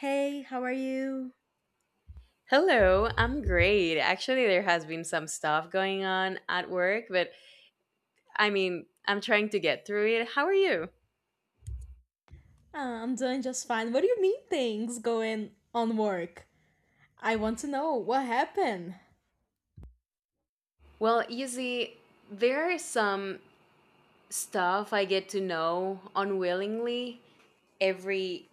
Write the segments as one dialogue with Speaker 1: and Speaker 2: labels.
Speaker 1: Hey, how are you?
Speaker 2: Hello, I'm great. Actually, there has been some stuff going on at work, but I'm trying to get through it. How are you?
Speaker 1: Ah, I'm doing just fine. What do you mean things going on work? I want to know what happened.
Speaker 2: Well, you see, there are some stuff I get to know unwillingly every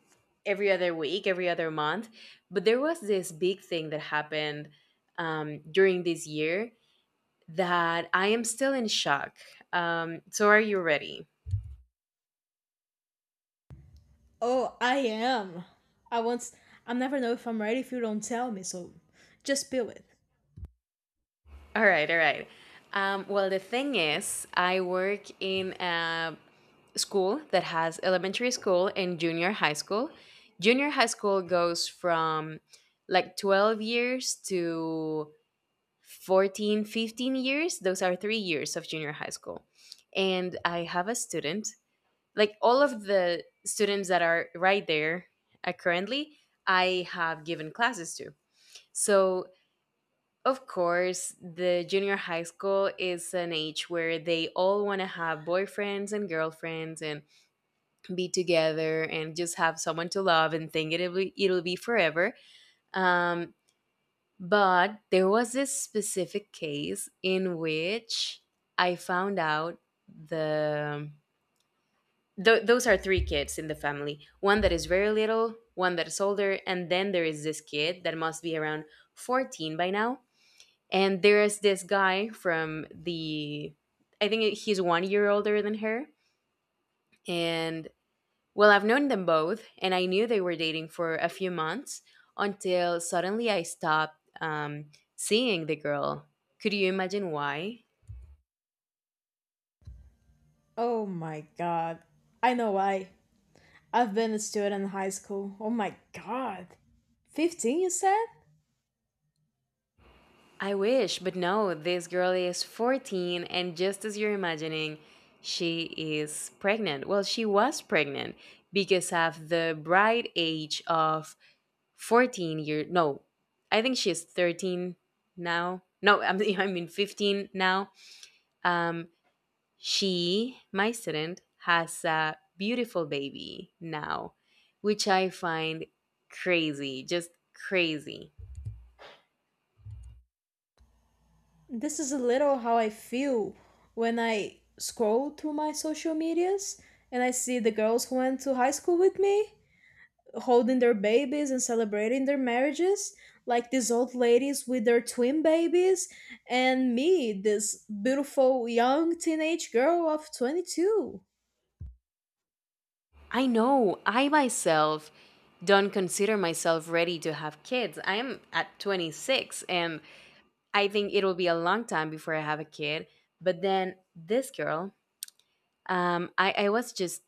Speaker 2: every other week, every other month. But there was this big thing that happened during this year that I am still in shock. So, are you ready?
Speaker 1: Oh, I am. I want. I never know if I'm ready if you don't tell me. So, just spill it.
Speaker 2: All right. The thing is, I work in a school that has elementary school and junior high school. Junior high school goes from like 12 years to 14, 15 years. Those are 3 years of junior high school. And I have a student, like all of the students that are right there currently, I have given classes to. So of course, the junior high school is an age where they all want to have boyfriends and girlfriends and be together and just have someone to love and think it'll be forever. Um, but there was this specific case in which I found out the. Those are three kids in the family, one that is very little, one that is older, and then there is this kid that must be around 14 by now. And there is this guy from I think he's 1 year older than her. And well, I've known them both, and I knew they were dating for a few months until suddenly I stopped seeing the girl. Could you imagine why?
Speaker 1: Oh my god. I know why. I've been a student in high school. Oh my god. 15, you said?
Speaker 2: I wish, but no, this girl is 14, and just as you're imagining, she is pregnant. Well, she was pregnant because of the bright age of 14-year no, I think she is 13 now. No, I am I mean 15 now. um she, my student, has a beautiful baby now, which I find crazy, just crazy.
Speaker 1: This is a little how I feel when I scroll through my social medias and I see the girls who went to high school with me holding their babies and celebrating their marriages, like these old ladies with their twin babies, and me, this beautiful young teenage girl of 22.
Speaker 2: I know, I myself don't consider myself ready to have kids. I am at 26, and I think it'll be a long time before I have a kid. But then this girl, I was just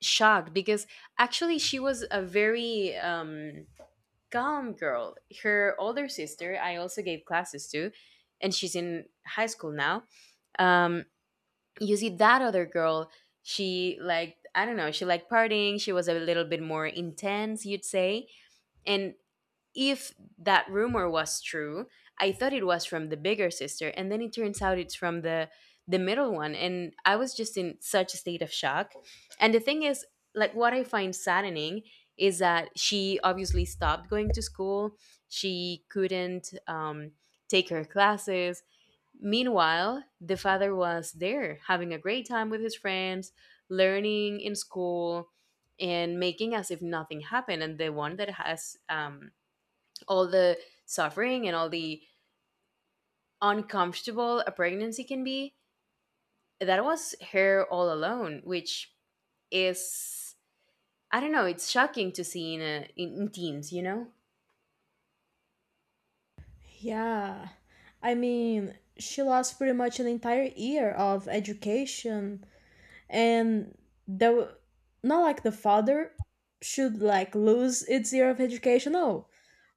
Speaker 2: shocked because actually she was a very calm girl. Her older sister, I also gave classes to, and she's in high school now. Um, you see, that other girl, I don't know, she liked partying. She was a little bit more intense, you'd say. And if that rumor was true, I thought it was from the bigger sister, and then it turns out it's from the middle one. And I was just in such a state of shock. And the thing is, like what I find saddening is that she obviously stopped going to school. She couldn't take her classes. Meanwhile, the father was there having a great time with his friends, learning in school, and making as if nothing happened. And the one that has all the suffering and all the uncomfortable a pregnancy can be, that was her all alone, which is, I don't know, it's shocking to see in, a, in in teens,
Speaker 1: Yeah, I mean, she lost pretty much an entire year of education, and the, not like the father should, like, lose its year of education, no,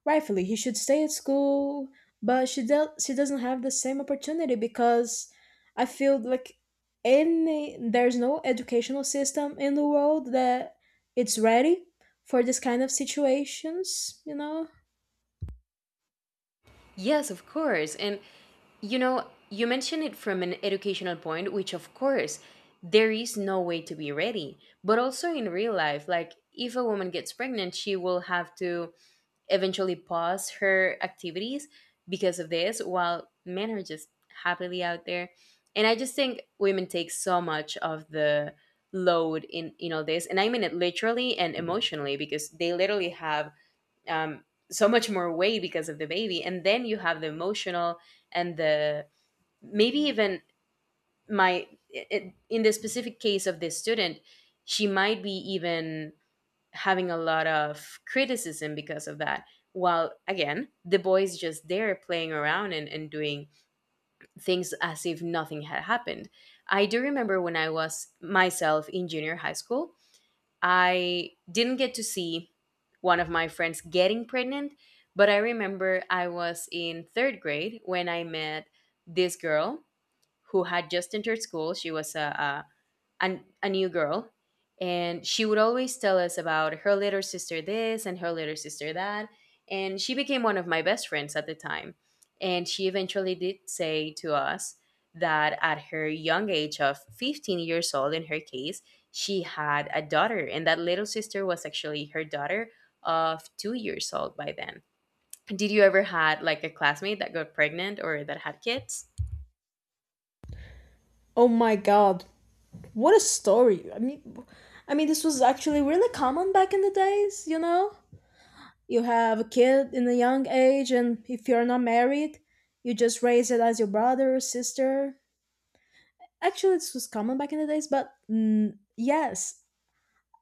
Speaker 1: rightfully he should stay at school, but she doesn't have the same opportunity, because I feel like, any, there's no educational system in the world that it's ready for this kind of situations, you know?
Speaker 2: Yes, of course. And you know, you mentioned it from an educational point, which of course there is no way to be ready. But also in real life, like if a woman gets pregnant, she will have to eventually pause her activities because of this, while men are just happily out there. And I just think women take so much of the load in all this, and I mean it literally and emotionally, because they literally have um, so much more weight because of the baby, and then you have the emotional and the maybe even my in the specific case of this student, she might be even having a lot of criticism because of that. While again, the boy is just there playing around and, doing things as if nothing had happened. I do remember when I was myself in junior high school, I didn't get to see one of my friends getting pregnant, but I remember I was in third grade when I met this girl who had just entered school. She was a new girl, and she would always tell us about her little sister this and her little sister that, and she became one of my best friends at the time. And she eventually did say to us that at her young age of 15 years old, in her case, she had a daughter, and that little sister was actually her daughter, of 2 years old by then. Did you ever had like a classmate that got pregnant or that had kids?
Speaker 1: Oh my god, what a story. I mean, this was actually really common back in the days, you know. You have a kid in a young age, and if you're not married, you just raise it as your brother or sister. Actually, this was common back in the days, but yes,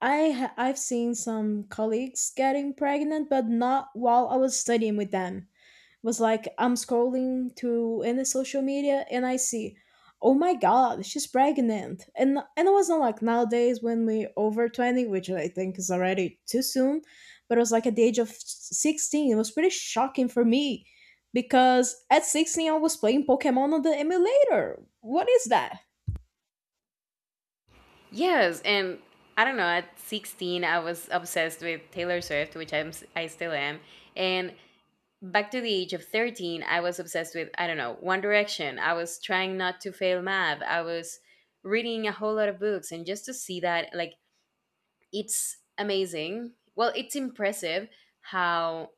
Speaker 1: I've seen some colleagues getting pregnant, but not while I was studying with them. It was like I'm scrolling through in the social media and I see, oh my god, she's pregnant, and it wasn't like nowadays when we over 20, which I think is already too soon, but it was like at the age of 16. It was pretty shocking for me because at 16 I was playing Pokemon on the emulator. What is that?
Speaker 2: Yes, and I don't know, at 16 I was obsessed with Taylor Swift, which I still am. And back to the age of 13, I was obsessed with, I don't know, One Direction. I was trying not to fail math. I was reading a whole lot of books, and just to see that, like, it's amazing. Well, it's impressive how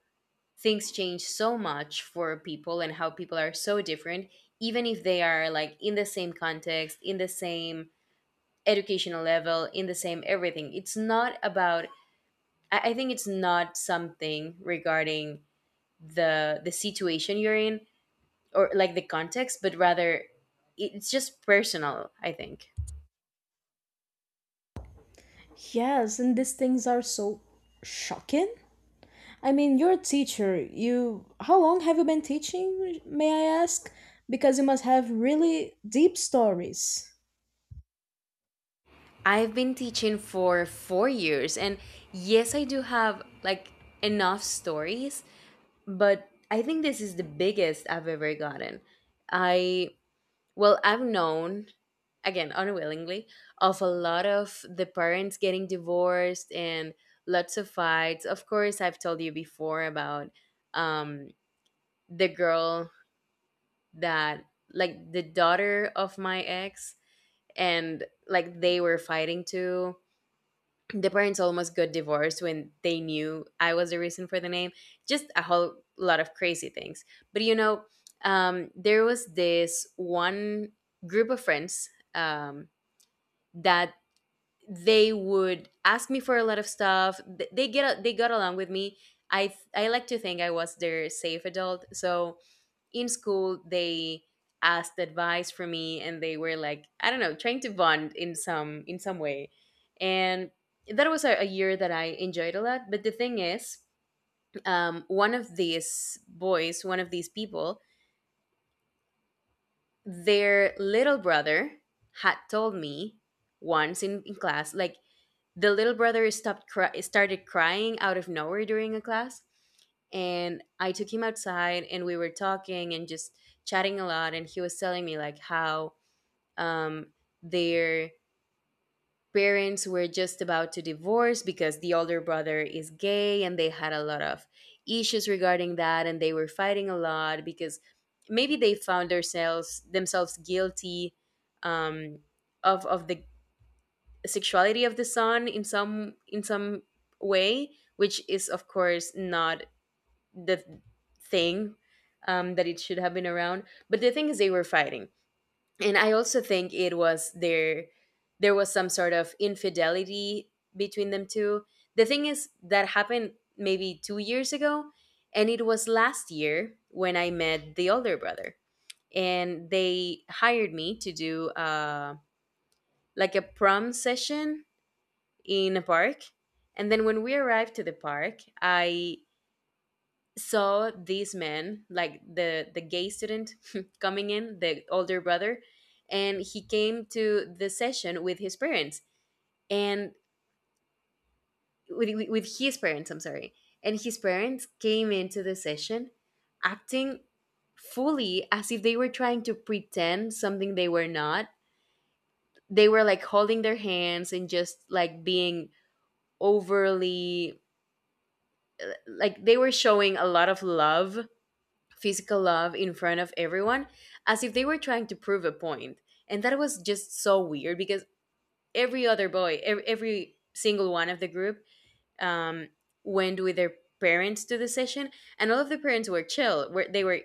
Speaker 2: things change so much for people and how people are so different, even if they are like in the same context, in the same educational level, in the same everything. It's not about I think it's not something regarding the the situation you're in, or like the context, but rather it's just personal, I think.
Speaker 1: Yes, and these things are so shocking. I mean, you're a teacher. You, how long have you been teaching, may I ask? Because you must have really deep stories.
Speaker 2: I've been teaching for 4 years, and yes, I do have like enough stories, but I think this is the biggest I've ever gotten. I Well, I've known, again, unwillingly, of a lot of the parents getting divorced, and lots of fights. Of course, I've told you before about um, the girl that, like, the daughter of my ex, and like they were fighting too. The parents almost got divorced when they knew I was the reason for the name. Just a whole lot of crazy things. But you know, there was this one group of friends, um, that they would ask me for a lot of stuff. They got along with me. I like to think I was their safe adult. So in school they asked advice from me, and they were like, I don't know, trying to bond in some way. And that was a year that I enjoyed a lot. But the thing is, one of these boys, one of these people, their little brother had told me once in class, like, the little brother started crying out of nowhere during a class, and I took him outside, and we were talking and just chatting a lot, and he was telling me like how um their parents were just about to divorce because the older brother is gay, and they had a lot of issues regarding that, and they were fighting a lot because maybe they found themselves guilty um of the sexuality of the son in some way, which is of course not the thing that it should have been around. But the thing is they were fighting, and I also think it was their there was some sort of infidelity between them two. The thing is that happened maybe 2 years ago, and it was last year when I met the older brother, and they hired me to do like a prom session in a park. And then when we arrived to the park, I saw this man, like the gay student coming in, the older brother, and he came to the session with his parents and with his parents, I'm sorry. And his parents came into the session acting fully as if they were trying to pretend something they were not. They were like holding their hands, and just like being overly, like they were showing a lot of love, physical love in front of everyone, as if they were trying to prove a point. And that was just so weird because every other boy, every single one of the group um, went with their parents to the session, and all of the parents were chill. Were They were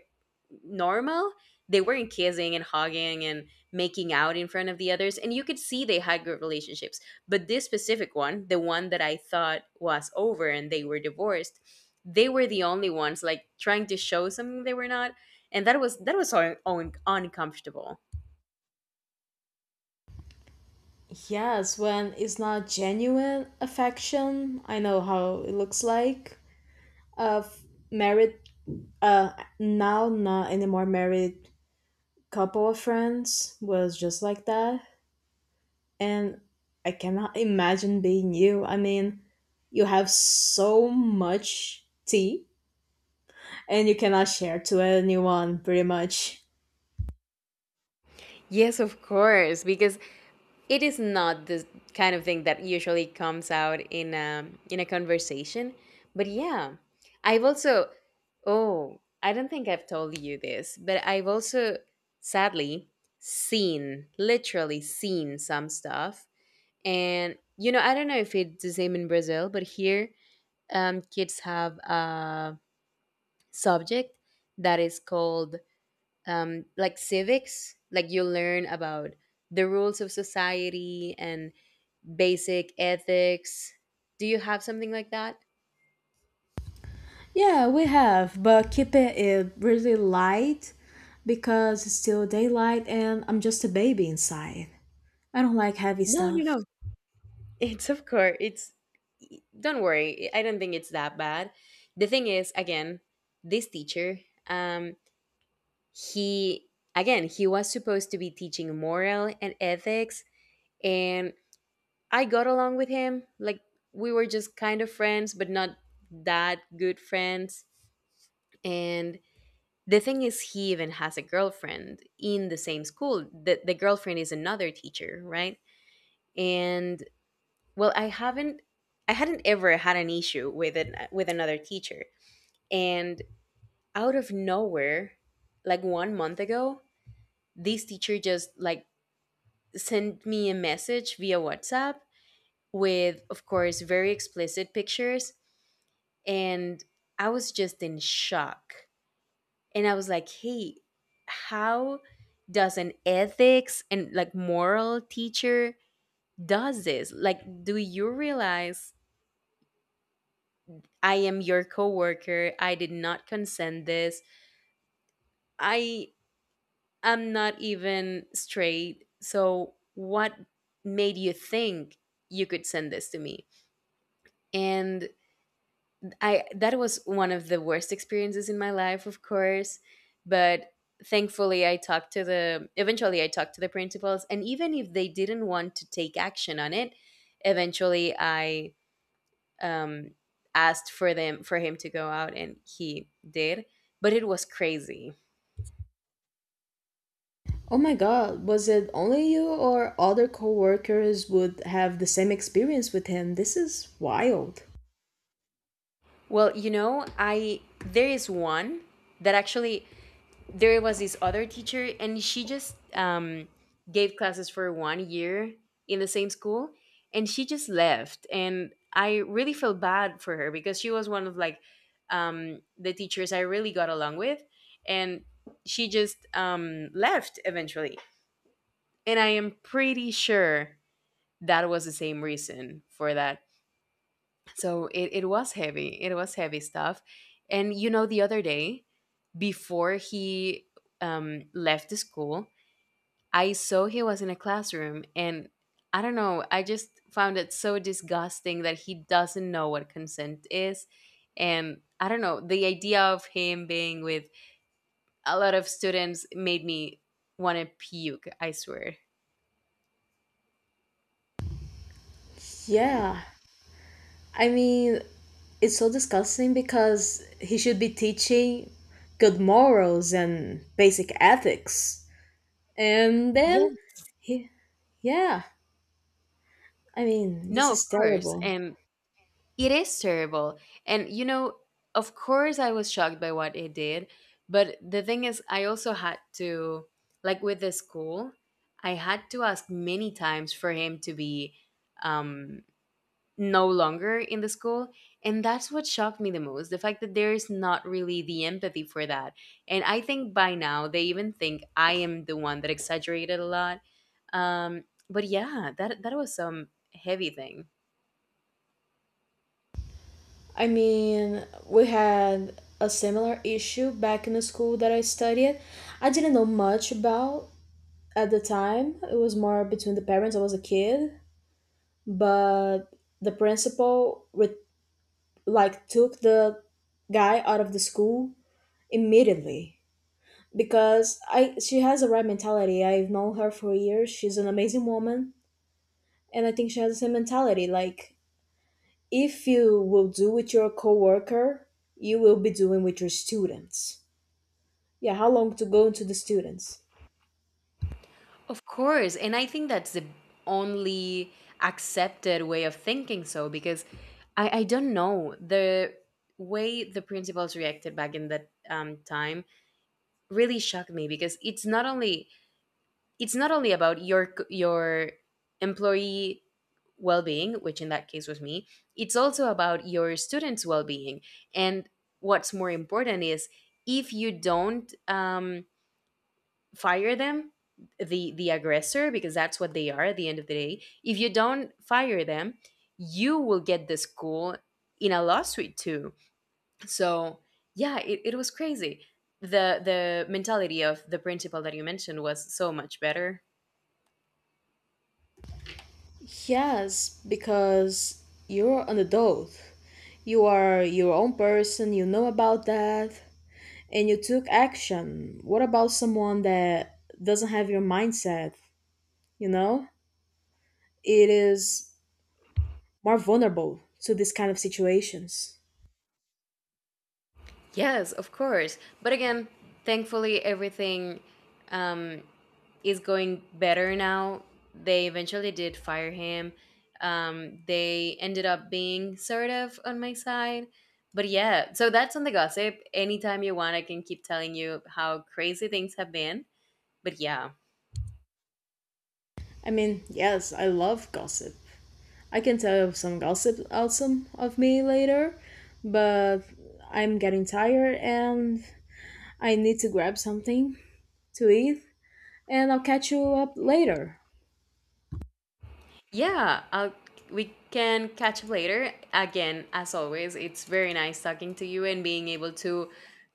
Speaker 2: normal. They weren't kissing and hugging and making out in front of the others, and you could see they had good relationships. But this specific one, the one that I thought was over and they were divorced, they were the only ones like trying to show something they were not, and that was uncomfortable.
Speaker 1: Yes, when it's not genuine affection, I know how it looks like. Of married, uh, now not anymore married couple of friends was just like that, and I cannot imagine being you. I mean, you have so much tea and you cannot share to anyone pretty much.
Speaker 2: Yes, of course, because it is not the kind of thing that usually comes out in in a conversation. But yeah, I've also, oh, I don't think I've told you this, but I've also sadly seen, literally seen, some stuff. And you know, I don't know if it's the same in Brazil, but here kids have a subject that is called like civics, like you learn about the rules of society and basic ethics. Do you have something like that?
Speaker 1: Yeah, we have, but keeping it really light because it's still daylight and I'm just a baby inside. I don't like heavy
Speaker 2: No, no,
Speaker 1: stuff.
Speaker 2: no. It's of course. It's don't worry. I don't think it's that bad. The thing is, again, this teacher, um, he again he was supposed to be teaching moral and ethics, and I got along with him. Like we were just kind of friends, but not that good friends. And the thing is, he even has a girlfriend in the same school. The girlfriend is another teacher, right? And well, I hadn't ever had an issue with it with another teacher. And out of nowhere, like one month ago, this teacher just like sent me a message via WhatsApp with, of course, very explicit pictures, and I was just in shock. And I was like, hey, how does an ethics and like moral teacher does this? Like, do you realize I am your coworker? I did not consent this. I am not even straight, so what made you think you could send this to me? And I that was one of the worst experiences in my life, of course, but thankfully I talked to the eventually I talked to the principals, and even if they didn't want to take action on it, eventually I um asked for them for him to go out, and he did, but it was crazy.
Speaker 1: Oh my god, was it only you or other coworkers would have the same experience with him? This is wild.
Speaker 2: Well, you know, I there is one that actually, there was this other teacher and she just gave classes for one year in the same school, and she just left, and I really felt bad for her because she was one of like the teachers I really got along with, and she just left eventually, and I am pretty sure that was the same reason for that. So it was heavy. It was heavy stuff. And you know, the other day, before he left the school, I saw he was in a classroom. And I don't know, I just found it so disgusting that he doesn't know what consent is. And I don't know, the idea of him being with a lot of students made me want to puke, I swear.
Speaker 1: Yeah, I mean, it's so disgusting because he should be teaching good morals and basic ethics. And
Speaker 2: Yeah.
Speaker 1: then he. Yeah, I mean, this
Speaker 2: No, of
Speaker 1: is
Speaker 2: course.
Speaker 1: terrible.
Speaker 2: And it is terrible. And you know, of course I was shocked by what it did, but the thing is I also had to, like, with the school, I had to ask many times for him to be um no longer in the school, and that's what shocked me the most, the fact that there is not really the empathy for that. And I think by now they even think I am the one that exaggerated a lot. But yeah, that was some heavy thing.
Speaker 1: I mean, we had a similar issue back in the school that I studied. I didn't know much about at the time. It was more between the parents. I was a kid, but the principal like took the guy out of the school immediately, because I, she has the right mentality. I've known her for years. She's an amazing woman, and I think she has the same mentality. Like, if you will do with your coworker, you will be doing with your students. Yeah, how long to go into the students?
Speaker 2: Of course. And I think that's the only accepted way of thinking so, because I don't know. The way the principals reacted back in that time really shocked me, because it's not only, it's not only about your your employee well-being, which in that case was me, it's also about your students' well-being. And what's more important is, if you don't fire them, the aggressor, because that's what they are at the end of the day, if you don't fire them, you will get the school in a lawsuit too. So yeah, it was crazy. The mentality of the principal that you mentioned was so much better.
Speaker 1: Yes, because you're an adult. You are your own person, you know about that, and you took action. What about someone that doesn't have your mindset? You know, it is more vulnerable to this kind of situations.
Speaker 2: Yes, of course, but again, thankfully everything um is going better now. They eventually did fire him. They ended up being sort of on my side. But yeah, so that's on the gossip. Anytime you want, I can keep telling you how crazy things have been. But yeah.
Speaker 1: I mean, yes, I love gossip, I can tell you some gossip also of me later, but I'm getting tired and I need to grab something to eat, and I'll catch you up later.
Speaker 2: Yeah, we can catch up later. Again, as always, it's very nice talking to you and being able to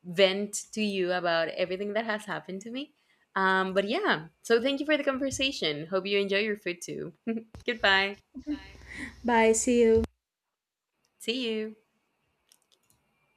Speaker 2: vent to you about everything that has happened to me. But yeah, so thank you for the conversation. Hope you enjoy your food too. Goodbye.
Speaker 1: Bye, see you.
Speaker 2: See you.